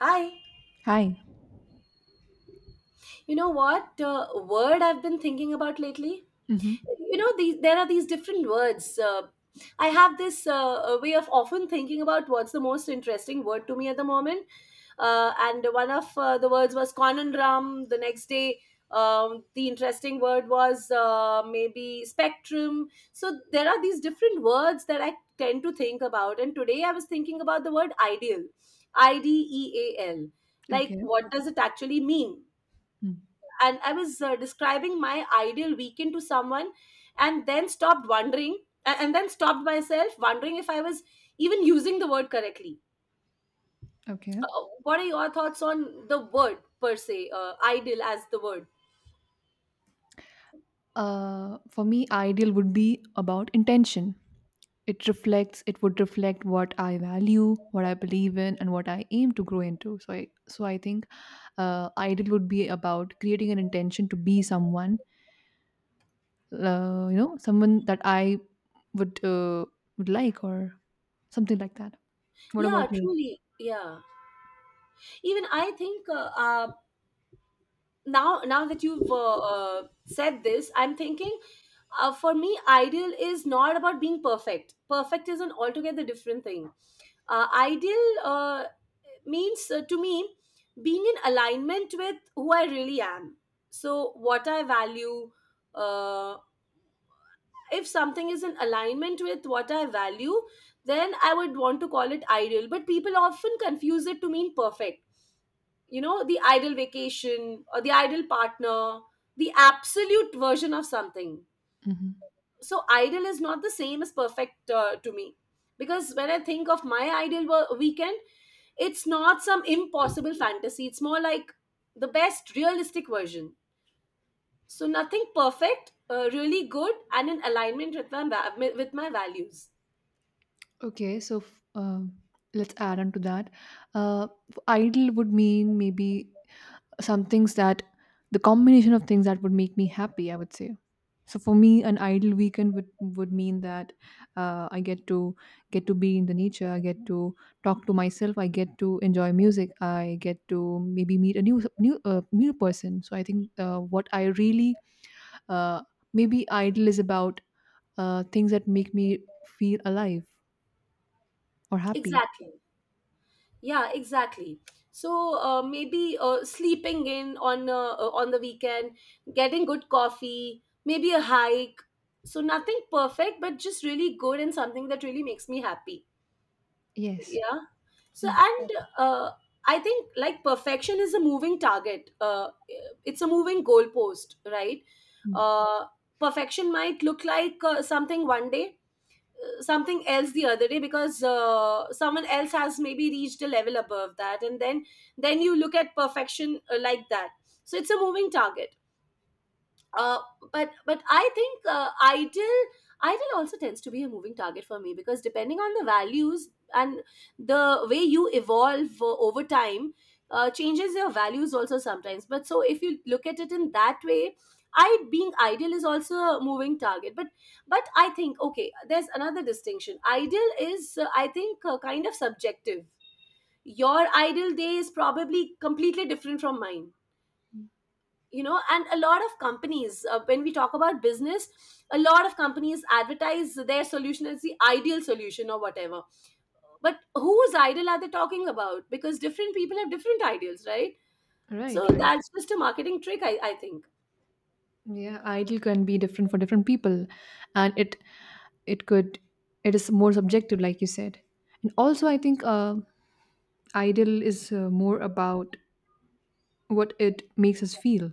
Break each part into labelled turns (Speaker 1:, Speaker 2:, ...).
Speaker 1: Hi.
Speaker 2: Hi.
Speaker 1: You know what word I've been thinking about lately?
Speaker 2: Hmm.
Speaker 1: You know, these there are these different words. I have this way of often thinking about what's the most interesting word to me at the moment. And one of the words was conundrum. The next day, the interesting word was maybe spectrum. So there are these different words that I tend to think about. And today I was thinking about the word ideal, I D E A L. Like,
Speaker 2: Okay.
Speaker 1: what does it actually mean?
Speaker 2: Mm.
Speaker 1: And I was describing my ideal weekend to someone and then stopped wondering, and then stopped myself wondering if I was even using the word correctly.
Speaker 2: Okay.
Speaker 1: What are your thoughts on the word per se, ideal as the word?
Speaker 2: For me, ideal would be about intention. It reflects. It would reflect what I value, what I believe in, and what I aim to grow into. So, I think ideal would be about creating an intention to be someone. Someone that I would uh, would like, or something like that. What
Speaker 1: Yeah,
Speaker 2: about you?
Speaker 1: truly. Yeah. Even I think, now that you've, said this, I'm thinking, for me, ideal is not about being perfect. Perfect is an altogether different thing. Ideal, means, to me, being in alignment with who I really am. So, what I value, uh, if something is in alignment with what I value, then I would want to call it ideal. But people often confuse it to mean perfect. You know, the ideal vacation or the ideal partner, the absolute version of something.
Speaker 2: Hmm.
Speaker 1: So ideal is not the same as perfect, to me, because when I think of my ideal weekend, it's not some impossible fantasy, it's more like the best realistic version. So nothing perfect, really good and in alignment with my values.
Speaker 2: Okay. So, let's add on to that. Uh, Ideal would mean maybe some things that, the combination of things that would make me happy, I would say. So, for me, an idle weekend would mean that I get to be in the nature. I get to talk to myself. I get to enjoy music. I get to maybe meet a new person. So I think, what I really, uh, maybe idle is about things that make me feel alive or happy.
Speaker 1: Exactly. Yeah, exactly. So, maybe sleeping in on the weekend, getting good coffee, maybe a hike. So nothing perfect but just really good and something that really makes me happy.
Speaker 2: Yes.
Speaker 1: Yeah. So,
Speaker 2: Yeah.
Speaker 1: and, uh, I think, like, perfection is a moving target, it's a moving goalpost, right?
Speaker 2: Mm.
Speaker 1: uh, Perfection might look like something one day, something else the other day, because someone else has maybe reached a level above that, and then you look at perfection like that. So it's a moving target. Uh, but but I think, ideal also tends to be a moving target for me because depending on the values and the way you evolve over time changes your values also sometimes. But so if you look at it in that way, I being ideal is also a moving target. But I think, okay, there's another distinction. Ideal is, I think, kind of subjective. Your ideal day is probably completely different from mine. And a lot of companies, when we talk about business, a lot of companies advertise their solution as the ideal solution or whatever, but whose ideal are they talking about? Because different people have different ideals, right?
Speaker 2: Right,
Speaker 1: So
Speaker 2: right.
Speaker 1: that's just a marketing trick, I think.
Speaker 2: Yeah, ideal can be different for different people, and it could it is more subjective, like you said. And also, I think ideal is more about what it makes us feel.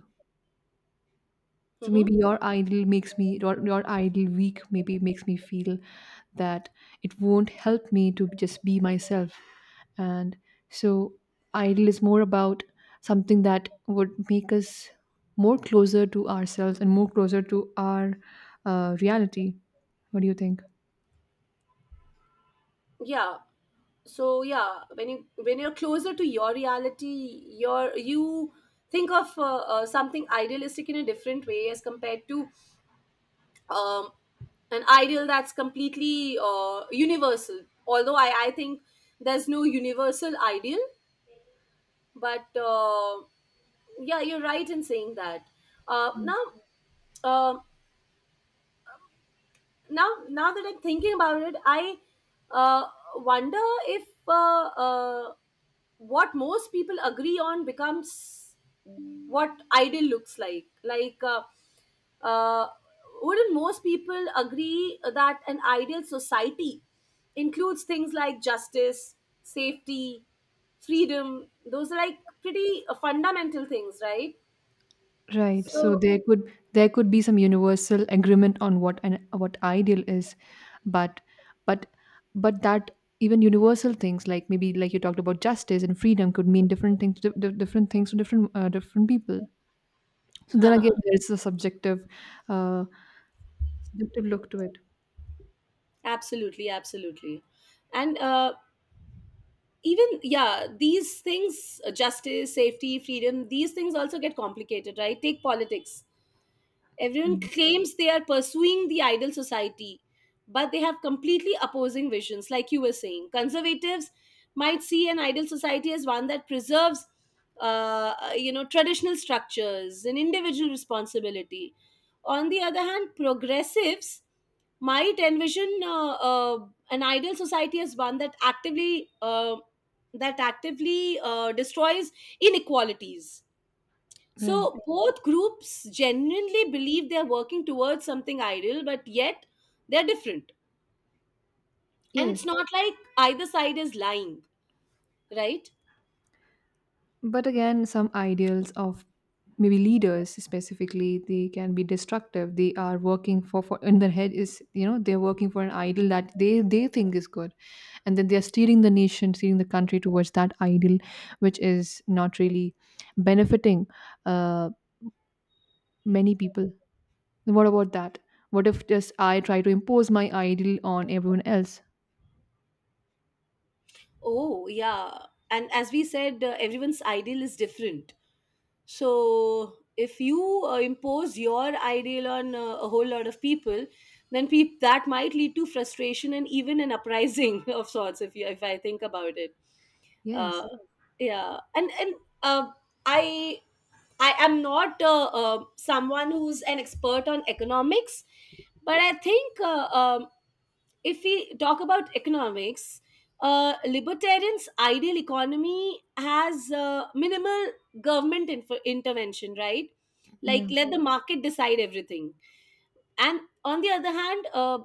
Speaker 2: So maybe
Speaker 1: Hmm.
Speaker 2: your idol makes me, your idol weak, maybe makes me feel that it won't help me to just be myself. And so idol is more about something that would make us more closer to ourselves and more closer to our reality. What do you think?
Speaker 1: Yeah. So yeah, when you when you're closer to your reality, you think of something idealistic in a different way as compared to um, an ideal that's completely universal. Although I think there's no universal ideal, but yeah, you're right in saying that. Uh, now, uh, now that I'm thinking about it, I uh, wonder if what most people agree on becomes what ideal looks like. Like, uh, wouldn't most people agree that an ideal society includes things like justice, safety, freedom? Those are like pretty fundamental things, right?
Speaker 2: Right. So
Speaker 1: So
Speaker 2: there could be some universal agreement on what ideal is, but but but that, even universal things, like maybe like you talked about justice and freedom, could mean different things to different things to different people. So then again, there's a subjective, uh, subjective look to it.
Speaker 1: absolutely, absolutely. And even, yeah, these things, justice, safety, freedom, these things also get complicated, right? Take politics. Everyone
Speaker 2: Mm.
Speaker 1: claims they are pursuing the ideal society, but they have completely opposing visions, like you were saying. Conservatives might see an ideal society as one that preserves, traditional structures and individual responsibility. On the other hand, progressives might envision an ideal society as one that actively destroys inequalities.
Speaker 2: Right.
Speaker 1: So both groups genuinely believe they're working towards something ideal, but yet they're different. And
Speaker 2: Yes.
Speaker 1: it's not like either side is lying, right?
Speaker 2: But again, some ideals of, maybe, leaders specifically, they can be destructive. They are working for, in their head is, they're working for an ideal that they think is good. And then they're steering the nation, steering the country towards that ideal, which is not really benefiting uh, many people. And what about that? What if just I try to impose my ideal on everyone else?
Speaker 1: Oh, yeah. And as we said, everyone's ideal is different. So if you impose your ideal on a whole lot of people, then that might lead to frustration and even an uprising of sorts. If I think about it.
Speaker 2: Yes.
Speaker 1: uh, yeah, and uh, i I am not someone who's an expert on economics, but I think, if we talk about economics, libertarians' ideal economy has minimal government intervention, right? Like,
Speaker 2: Yeah.
Speaker 1: let the market decide everything. And on the other hand,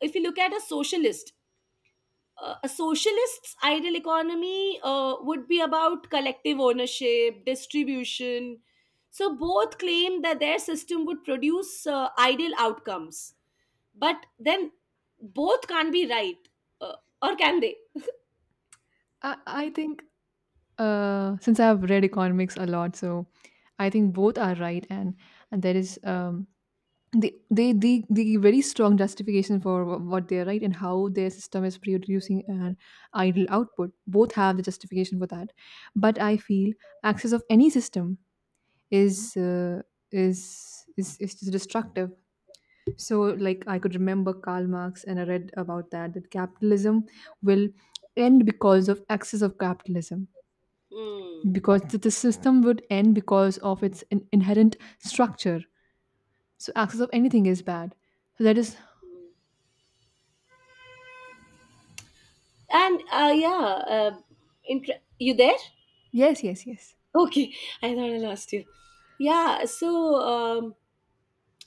Speaker 1: if you look at a socialist, a socialist's ideal economy would be about collective ownership, distribution. So both claim that their system would produce ideal outcomes, but then both can't be right, uh, or can they?
Speaker 2: I think. Since I've read economics a lot, so I think both are right, and there is the they very strong justification for what they're right and how their system is producing an idle output. Both have the justification for that, but I feel access of any system is uh, is just destructive. So, like, I could remember Karl Marx, and I read about that capitalism will end because of access of capitalism,
Speaker 1: Hmm.
Speaker 2: because the system would end because of its inherent structure. So access of anything is bad. So that is.
Speaker 1: And yeah, you there?
Speaker 2: Yes, yes, yes,
Speaker 1: Okay, I thought I lost you. Yeah, so, um,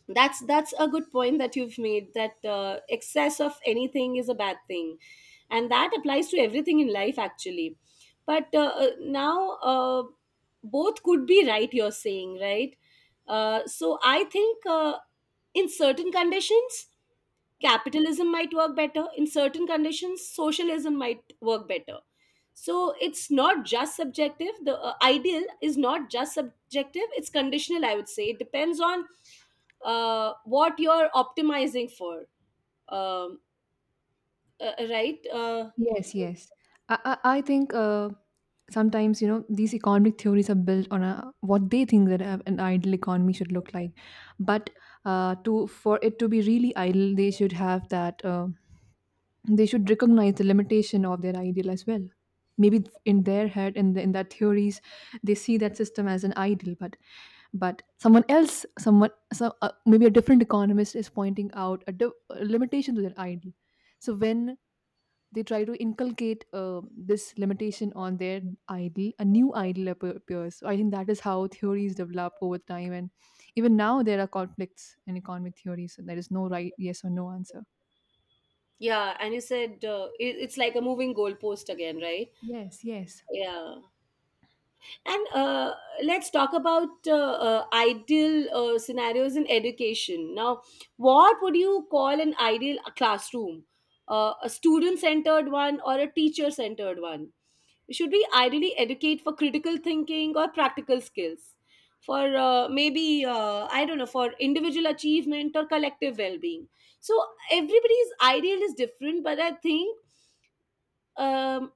Speaker 1: that's a good point that you've made, that excess of anything is a bad thing, and that applies to everything in life, actually. But now, both could be right, you're saying, right? So I think, in certain conditions capitalism might work better, in certain conditions socialism might work better. So it's not just subjective, the ideal is not just subjective, it's conditional, I would say. It depends on what you're optimizing for, um, right.
Speaker 2: yes, yes. I I think, sometimes, you know, these economic theories are built on what they think that an ideal economy should look like, but to for it to be really ideal, they should have that. They should recognize the limitation of their ideal as well. Maybe in their head, and in their theories, they see that system as an ideal, but someone else, someone so maybe a different economist is pointing out a limitation to their ideal. So when they try to inculcate this limitation on their ideal, a new ideal appears. So I think that is how theories develop over time, and even now there are conflicts in economic theory, so there is no right yes or no answer.
Speaker 1: Yeah, and you said, it's like a moving goalpost again, right?
Speaker 2: Yes, yes.
Speaker 1: Yeah. And let's talk about ideal scenarios in education now. What would you call an ideal classroom? A student centered one or a teacher centered one? Should we ideally educate for critical thinking or practical skills? For, maybe, I don't know, for individual achievement or collective well-being? So everybody's ideal is different, but I think um,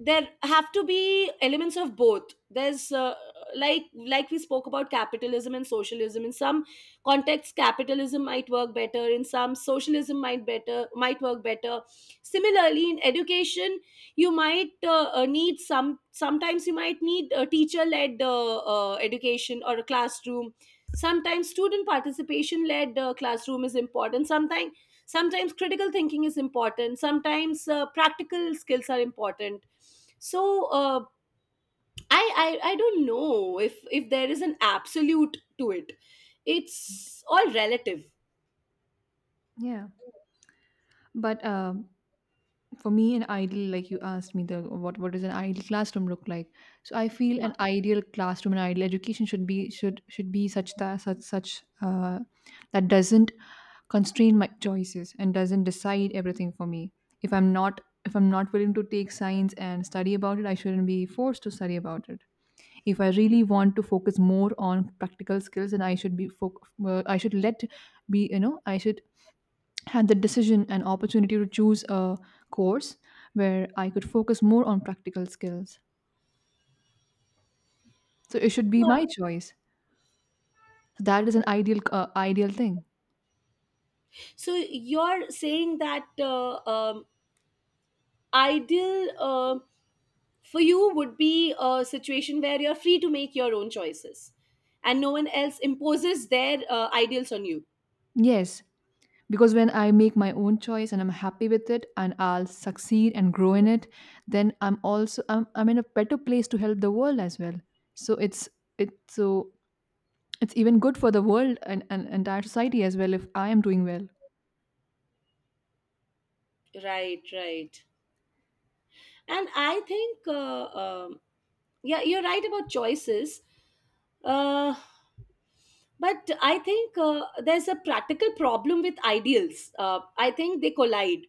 Speaker 1: there have to be elements of both. There's, like we spoke about capitalism and socialism, in some contexts capitalism might work better, in some socialism might work better. Similarly, in education you might need some sometimes you might need a teacher led education or a classroom. Sometimes student participation led, classroom is important, sometimes. Sometimes critical thinking is important, sometimes practical skills are important. So I don't know if there is an absolute to it. It's all relative.
Speaker 2: Yeah, but for me, an ideal, like you asked me, the what does an ideal classroom look like? So I feel
Speaker 1: Yeah,
Speaker 2: an ideal classroom, an ideal education should be such that, such such uh, that doesn't constrain my choices and doesn't decide everything for me. If I'm not willing to take science and study about it, I shouldn't be forced to study about it. If I really want to focus more on practical skills, then I should, let be, you know, I should had the decision and opportunity to choose a course where I could focus more on practical skills. So it should be my
Speaker 1: yeah.
Speaker 2: choice. So that is an ideal thing.
Speaker 1: So you're saying that, ideal, for you would be a situation where you're free to make your own choices, and no one else imposes their ideals on you.
Speaker 2: Yes, because when I make my own choice and I'm happy with it and I'll succeed and grow in it, then I'm in a better place to help the world as well. So it's so it's even good for the world, and, entire society as well, if I am doing well.
Speaker 1: Right, right. And I think, yeah, you're right about choices. uh, but I think there's a practical problem with ideals, I think they collide.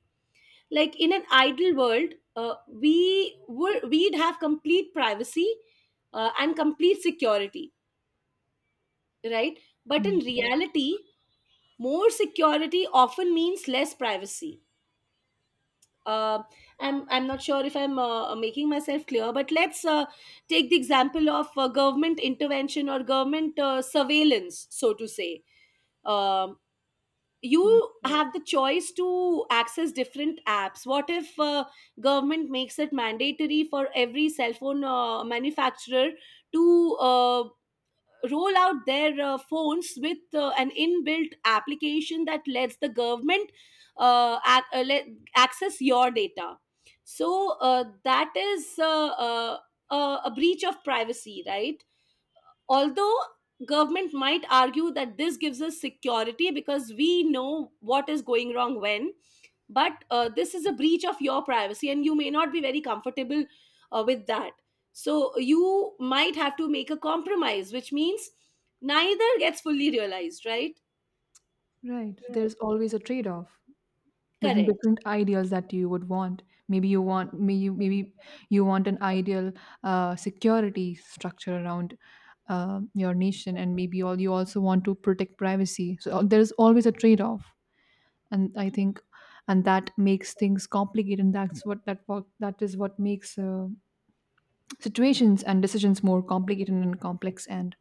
Speaker 1: Like, in an ideal world we'd have complete privacy and complete security, right? But
Speaker 2: Hmm.
Speaker 1: in, yeah, reality more security often means less privacy. uh, I'm not sure if I'm making myself clear, but let's take the example of government intervention or government surveillance, so to say. Um, you have the choice to access different apps. What if government makes it mandatory for every cell phone manufacturer to roll out their phones with an inbuilt application that lets the government uh, ac- uh, let, access your data. So that is a breach of privacy, right? Although government might argue that this gives us security because we know what is going wrong when, but this is a breach of your privacy and you may not be very comfortable with that. So you might have to make a compromise, which means neither gets fully realized, right?
Speaker 2: Right.
Speaker 1: Right.
Speaker 2: There's always a trade-off between
Speaker 1: Correct.
Speaker 2: different ideals that you would want. Maybe maybe you want an ideal security structure around your nation, and maybe all, you also want to protect privacy, so there's always a trade-off. And I think, and that makes things complicated, and that is what makes situations and decisions more complicated and complex, and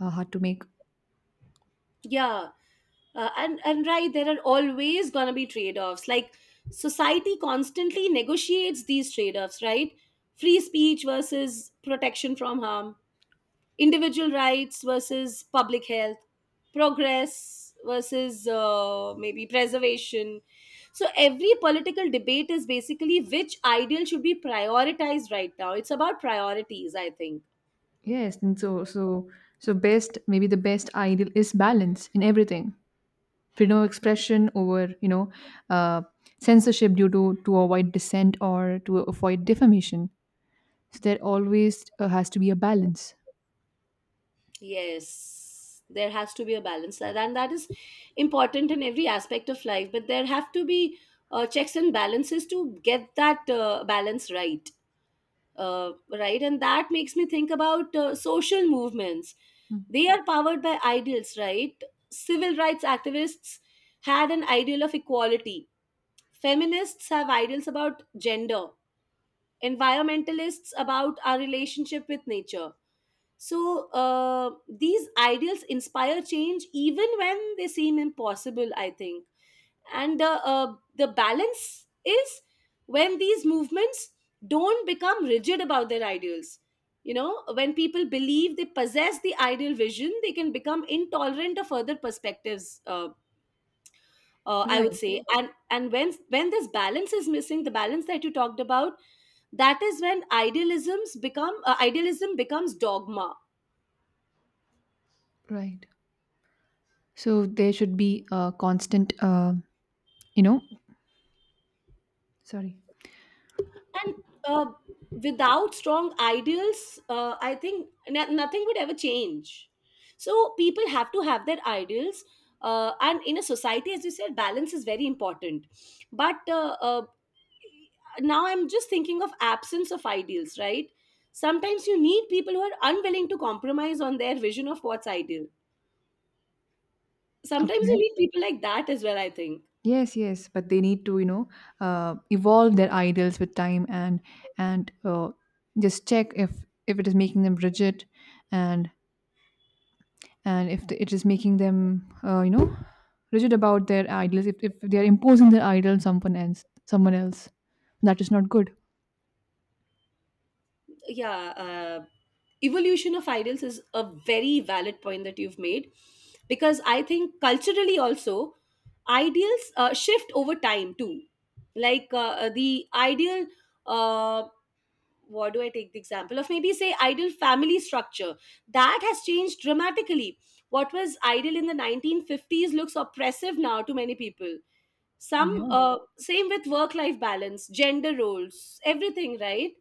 Speaker 2: hard to make.
Speaker 1: Yeah. And right, there are always going to be trade-offs. Like, society constantly negotiates these trade-offs, right? Free speech versus protection from harm, individual rights versus public health, progress versus maybe preservation. So, every political debate is basically which ideal should be prioritized right now. It's about priorities, I think.
Speaker 2: Yes. And so best, maybe the best ideal is balance in everything, freedom of expression over, uh, censorship due to avoid dissent or to avoid defamation, so there always has to be a balance.
Speaker 1: Yes, there has to be a balance, and that is important in every aspect of life, but there have to be checks and balances to get that balance right. Uh, right, and that makes me think about social movements. They are powered by ideals, right? Civil rights activists had an ideal of equality. Feminists have ideals about gender. Environmentalists about our relationship with nature. So these ideals inspire change even when they seem impossible, I think, and the balance is when these movements don't become rigid about their ideals. You know, when people believe they possess the ideal vision they can become intolerant of other perspectives. I would
Speaker 2: Right,
Speaker 1: say, and when this balance is missing, the balance that you talked about, that is when idealisms become idealism becomes dogma.
Speaker 2: right. So there should be a constant, you know sorry.
Speaker 1: And uh, without strong ideals, I think nothing would ever change. So people have to have their ideals, and in a society, as you said, balance is very important. But now I'm just thinking of absence of ideals, right? Sometimes you need people who are unwilling to compromise on their vision of what's ideal. Sometimes
Speaker 2: Okay.
Speaker 1: you need people like that as well, I think.
Speaker 2: Yes, yes. But they need to, evolve their ideals with time, and and uh, just check if it is making them rigid, and and if it is making them, rigid about their idols, if they are imposing their idol on someone else, that is not good.
Speaker 1: Yeah, evolution of idols is a very valid point that you've made, because I think culturally also, ideals shift over time too. Like, the ideal, uh, what do I take the example of, maybe say ideal family structure. That has changed dramatically. What was ideal in the 1950s looks oppressive now to many people. Some
Speaker 2: Yeah,
Speaker 1: same with work life balance, gender roles, everything, right?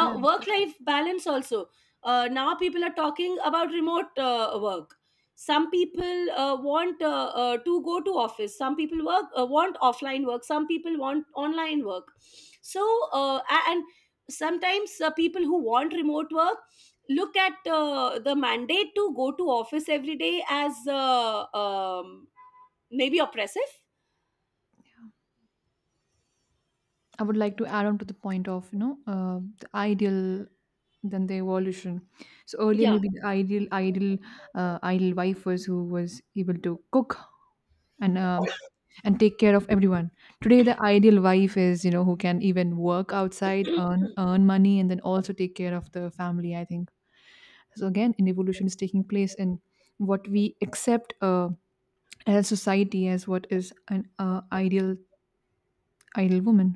Speaker 2: yeah.
Speaker 1: work life balance also, now people are talking about remote work. Some people want to go to office, some people work want offline work, some people want online work. So and sometimes people who want remote work look at the mandate to go to office every day as maybe oppressive.
Speaker 2: I would like to add on to the point of, the ideal, then the evolution. So earlier,
Speaker 1: Yeah.
Speaker 2: maybe the ideal wife was who was able to cook, and and take care of everyone. Today, the ideal wife is, who can even work outside, earn money, and then also take care of the family. I think. So, again, an evolution is taking place in what we accept, as a society, as what is an ideal woman,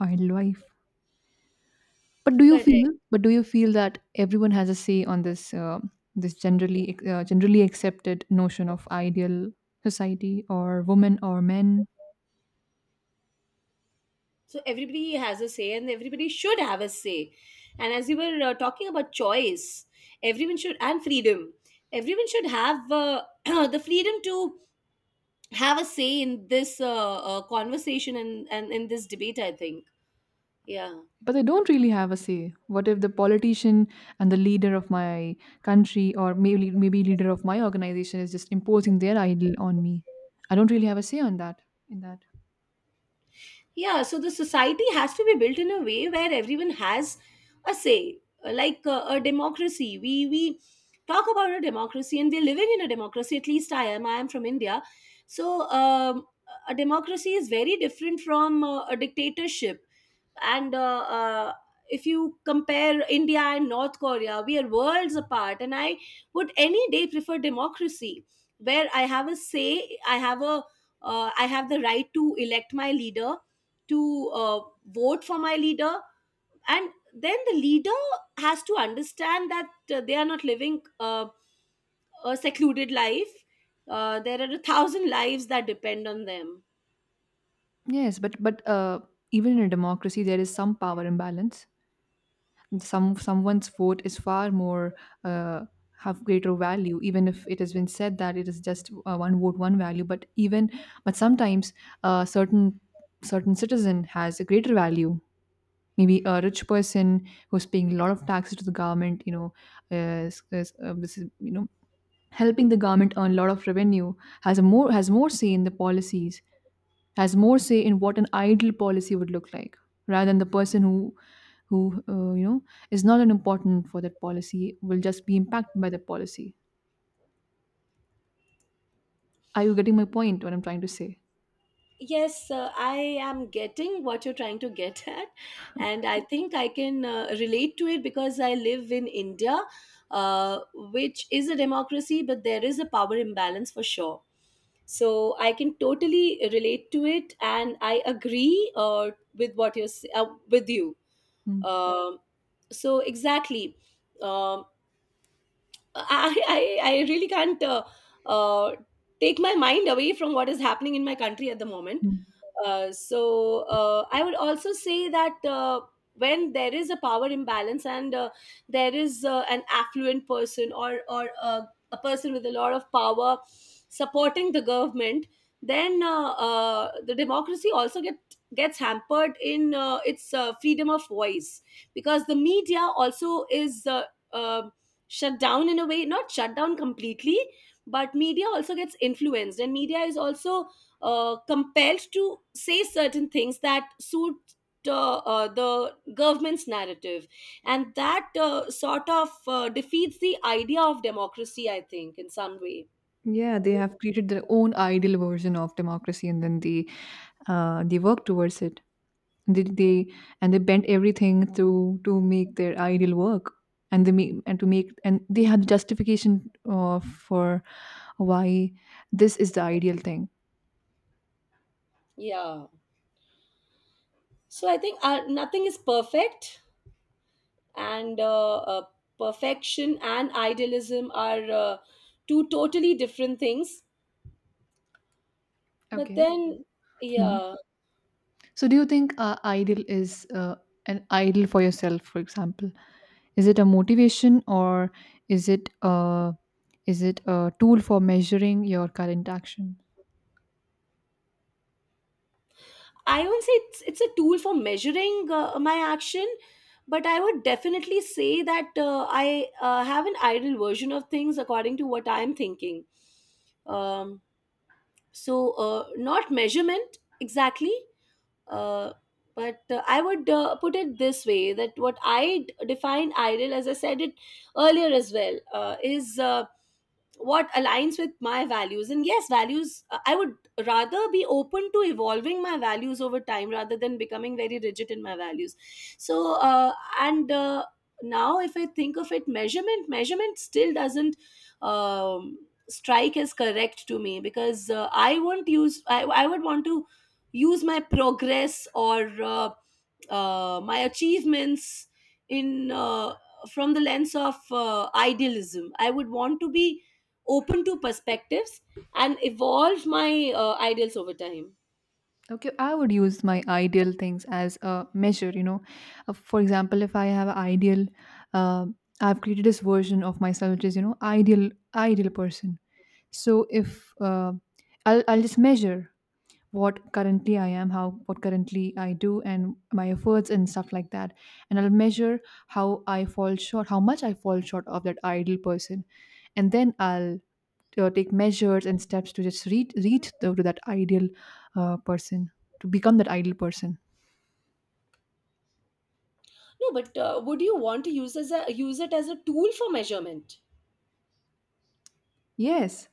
Speaker 2: ideal wife. But do you feel?
Speaker 1: Correct.
Speaker 2: But do you feel that everyone has a say on this generally accepted notion of ideal society or woman or men?
Speaker 1: So everybody has a say and everybody should have a say, and as you were talking about choice, everyone should, and freedom, everyone should have the freedom to have a say in this conversation, and in this debate, I think. Yeah.
Speaker 2: But they don't really have a say. What if the politician and the leader of my country, or maybe leader of my organization, is just imposing their ideal on me? I don't really have a say on that, in that.
Speaker 1: Yeah, so the society has to be built in a way where everyone has a say, like a democracy. We talk about a democracy, and we're living in a democracy. At least I am. I am from India, so a democracy is very different from a dictatorship. And if you compare India and North Korea, we are worlds apart. And I would any day prefer democracy, where I have a say. I have a, I have the right to elect my leader, to vote for my leader, and then the leader has to understand that they are not living a secluded life. There are a thousand lives that depend on them.
Speaker 2: Yes, but even in a democracy there is some power imbalance. Someone's vote is far more, uh, have greater value, even if it has been said that it is just one vote one value, but even, but sometimes, certain, citizen has a greater value. Maybe a rich person who's paying a lot of taxes to the government, is, this is, helping the government earn a lot of revenue, has more say in the policies, has more say in what an ideal policy would look like, rather than the person who uh, you know is not an important for that policy, will just be impacted by that policy. Are you getting my point, what I'm trying to say?
Speaker 1: Yes, I am getting what you're trying to get at, and I think I can relate to it because I live in India, which is a democracy, but there is a power imbalance for sure. So I can totally relate to it, and I agree with what you're with you.
Speaker 2: Hmm.
Speaker 1: Um, so exactly. Um I really can't uh, take my mind away from what is happening in my country at the moment.
Speaker 2: Hmm.
Speaker 1: So I would also say that when there is a power imbalance and there is an affluent person, or a person with a lot of power supporting the government, then the democracy also gets hampered in its freedom of voice, because the media also is. Um Shut down in a way, not shut down completely, but media also gets influenced, and media is also compelled to say certain things that suit the government's narrative, and that sort of defeats the idea of democracy, I think, in some way.
Speaker 2: Yeah, they have created their own ideal version of democracy, and then they work towards it. They, they they bent everything to make their ideal work, and they make, and to make and they had justification for why this is the ideal thing.
Speaker 1: Yeah, so I think nothing is perfect, and perfection and idealism are two totally different things. But
Speaker 2: Okay.
Speaker 1: then,
Speaker 2: Hmm.
Speaker 1: yeah.
Speaker 2: So, do you think ideal is, an ideal for yourself, for example? Is it a motivation, or is is it a tool for measuring your current action?
Speaker 1: I won't say it's a tool for measuring my action, but I would definitely say that I have an ideal version of things according to what I am thinking. Um, so not measurement exactly, uh, but I would put it this way, that what I define ideal, as I said it earlier as well, is what aligns with my values. And yes, values, I would rather be open to evolving my values over time rather than becoming very rigid in my values. So, and now if I think of it, measurement still doesn't. Um, Strike as correct to me, because I won't use, I would want to use my progress, or my achievements in, from the lens of idealism, I would want to be open to perspectives and evolve my ideals over time.
Speaker 2: Okay, I would use my ideal things as a measure. For example, if I have an ideal, uh, I've created this version of myself, which is, ideal person. So if I'll just measure what currently I am, how what currently I do, and my efforts and stuff like that. And I'll measure how I fall short, how much I fall short of that ideal person, and then I'll take measures and steps to just to that ideal person, to become that ideal person.
Speaker 1: No, but would you want to use as a, use it as a tool for measurement?
Speaker 2: Yes,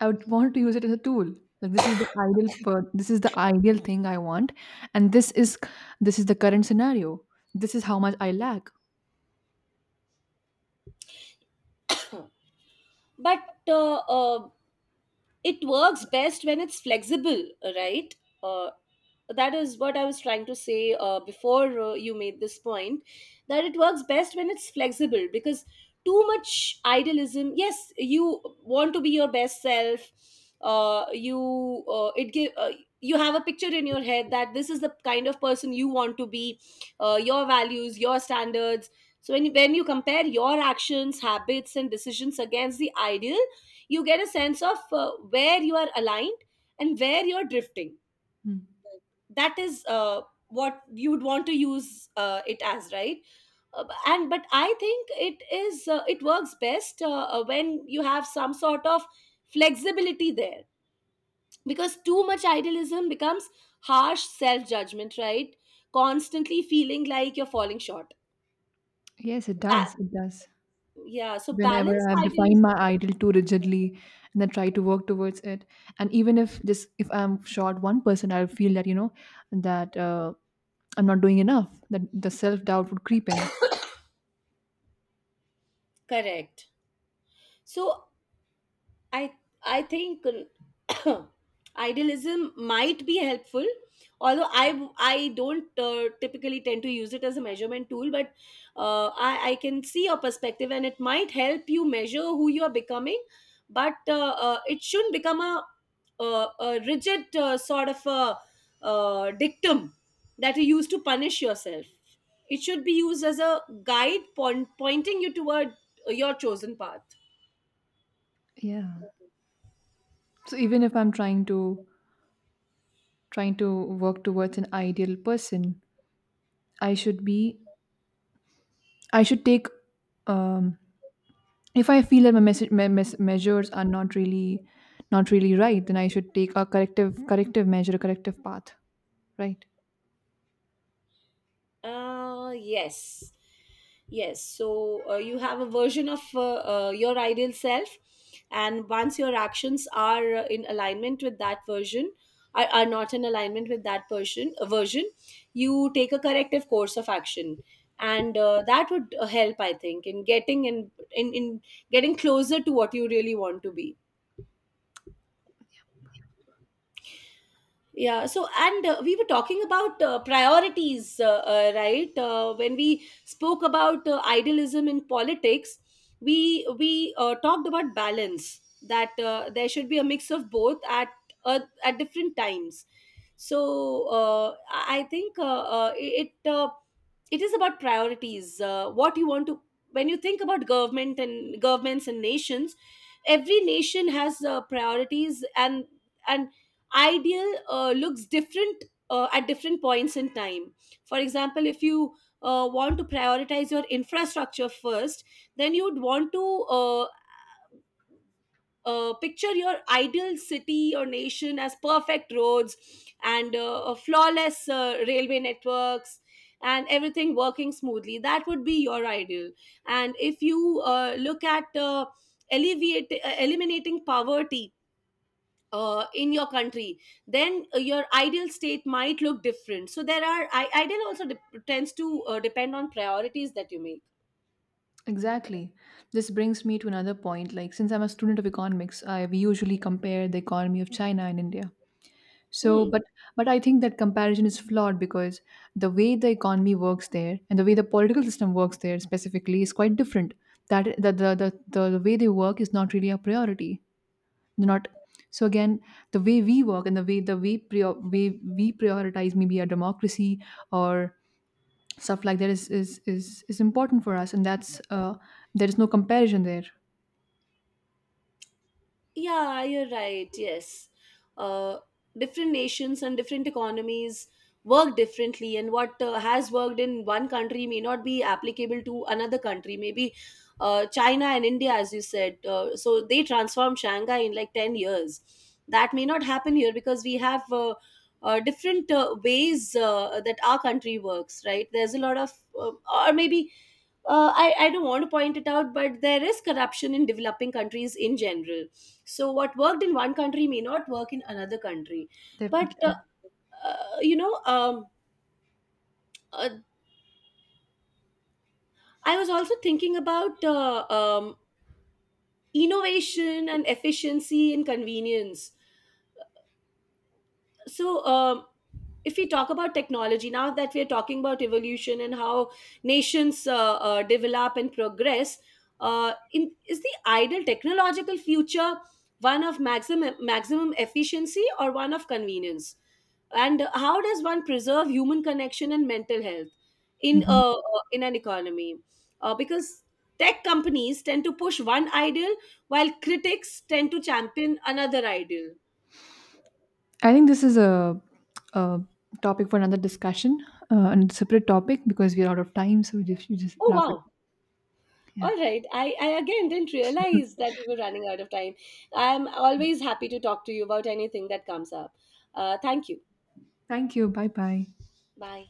Speaker 2: I would want to use it as a tool. Like, this is the ideal, this is the ideal thing I want, and this is, the current scenario. This is how much I lack.
Speaker 1: But uh, uh, it works best when it's flexible, right? uh, that is what I was trying to say before you made this point, that it works best when it's flexible, because too much idealism, yes, you want to be your best self. You It give you have a picture in your head that this is the kind of person you want to be, your values, your standards. So when you compare your actions, habits and decisions against the ideal, you get a sense of where you are aligned and where you're drifting.
Speaker 2: Mm.
Speaker 1: That is what you would want to use it as, right? B- and but I think it is it works best when you have some sort of flexibility there, because too much idealism becomes harsh self judgment, right? Constantly feeling like you're falling short.
Speaker 2: Yes, it does.
Speaker 1: Ba-
Speaker 2: It does.
Speaker 1: Yeah. So.
Speaker 2: Whenever
Speaker 1: So.
Speaker 2: I've defined
Speaker 1: Idealism.
Speaker 2: my ideal too rigidly and then try to work towards it. And even if just if I'm short one person, I'll feel that, that I'm not doing enough, that the self doubt would creep in.
Speaker 1: Correct. So I I think uh, idealism might be helpful, although I don't typically tend to use it as a measurement tool, but I can see your perspective and it might help you measure who you are becoming, but it shouldn't become a, a rigid sort of a dictum that you use to punish yourself. It should be used as a guide point, pointing you toward your chosen path.
Speaker 2: Yeah. So even if I'm trying to work towards an ideal person, I should be, I should take um, if I feel that my measures are not really right, then I should take a corrective measure, a corrective path, right?
Speaker 1: Yes. Yes. So you have a version of your ideal self, and once your actions are in alignment with that version, are not in alignment with that person version, you take a corrective course of action, and that would help, I think, in getting closer to what you really want to be. Yeah. So, and we were talking about priorities, right? When we spoke about idealism in politics, we talked about balance, that there should be a mix of both at different times. So, I think it is about priorities, what you want to, when you think about government and governments and nations, every nation has priorities, and ideal looks different at different points in time. For example, if you want to prioritize your infrastructure first, then you'd want to uh, picture your ideal city or nation as perfect roads and a flawless railway networks and everything working smoothly. That would be your ideal. And if you look at eliminating poverty in your country, then your ideal state might look different. So there are, ideal also dep tends to depend on priorities that you make.
Speaker 2: Exactly. This brings me to another point. Like, since I'm a student of economics, I we usually compare the economy of China and India. So,
Speaker 1: Hmm.
Speaker 2: but I think that comparison is flawed because the way the economy works there and the way the political system works there specifically is quite different. That the way they work is not really a priority. Do not So, again, the way we work, and the way, way we prioritize maybe a democracy or stuff like that, is important for us, and that's, there is no comparison there.
Speaker 1: Yeah, you're right. Yes. Uh, Different nations and different economies work differently, and what has worked in one country may not be applicable to another country. Maybe China and India, as you said, so they transformed Shanghai in like 10 years. That may not happen here because we have different ways that our country works, right? There's a lot of, uh, or maybe I don't want to point it out, but there is corruption in developing countries in general. So, what worked in one country may not work in another country. But,
Speaker 2: Definitely.
Speaker 1: you know, uh, I was also thinking about innovation and efficiency and convenience. So, if we talk about technology, now that we're talking about evolution and how nations develop and progress is the ideal technological future one of maximum efficiency or one of convenience? And how does one preserve human connection and mental health
Speaker 2: Mhm.
Speaker 1: in an economy, because tech companies tend to push one ideal while critics tend to champion another ideal.
Speaker 2: I think this is a topic for another discussion, and separate topic, because we're out of time, so we we just
Speaker 1: Oh
Speaker 2: wrap it.
Speaker 1: wow.
Speaker 2: Yeah,
Speaker 1: All right. I again didn't realize that we were running out of time. I'm always happy to talk to you about anything that comes up. Thank you.
Speaker 2: thank you. Bye bye.
Speaker 1: Bye.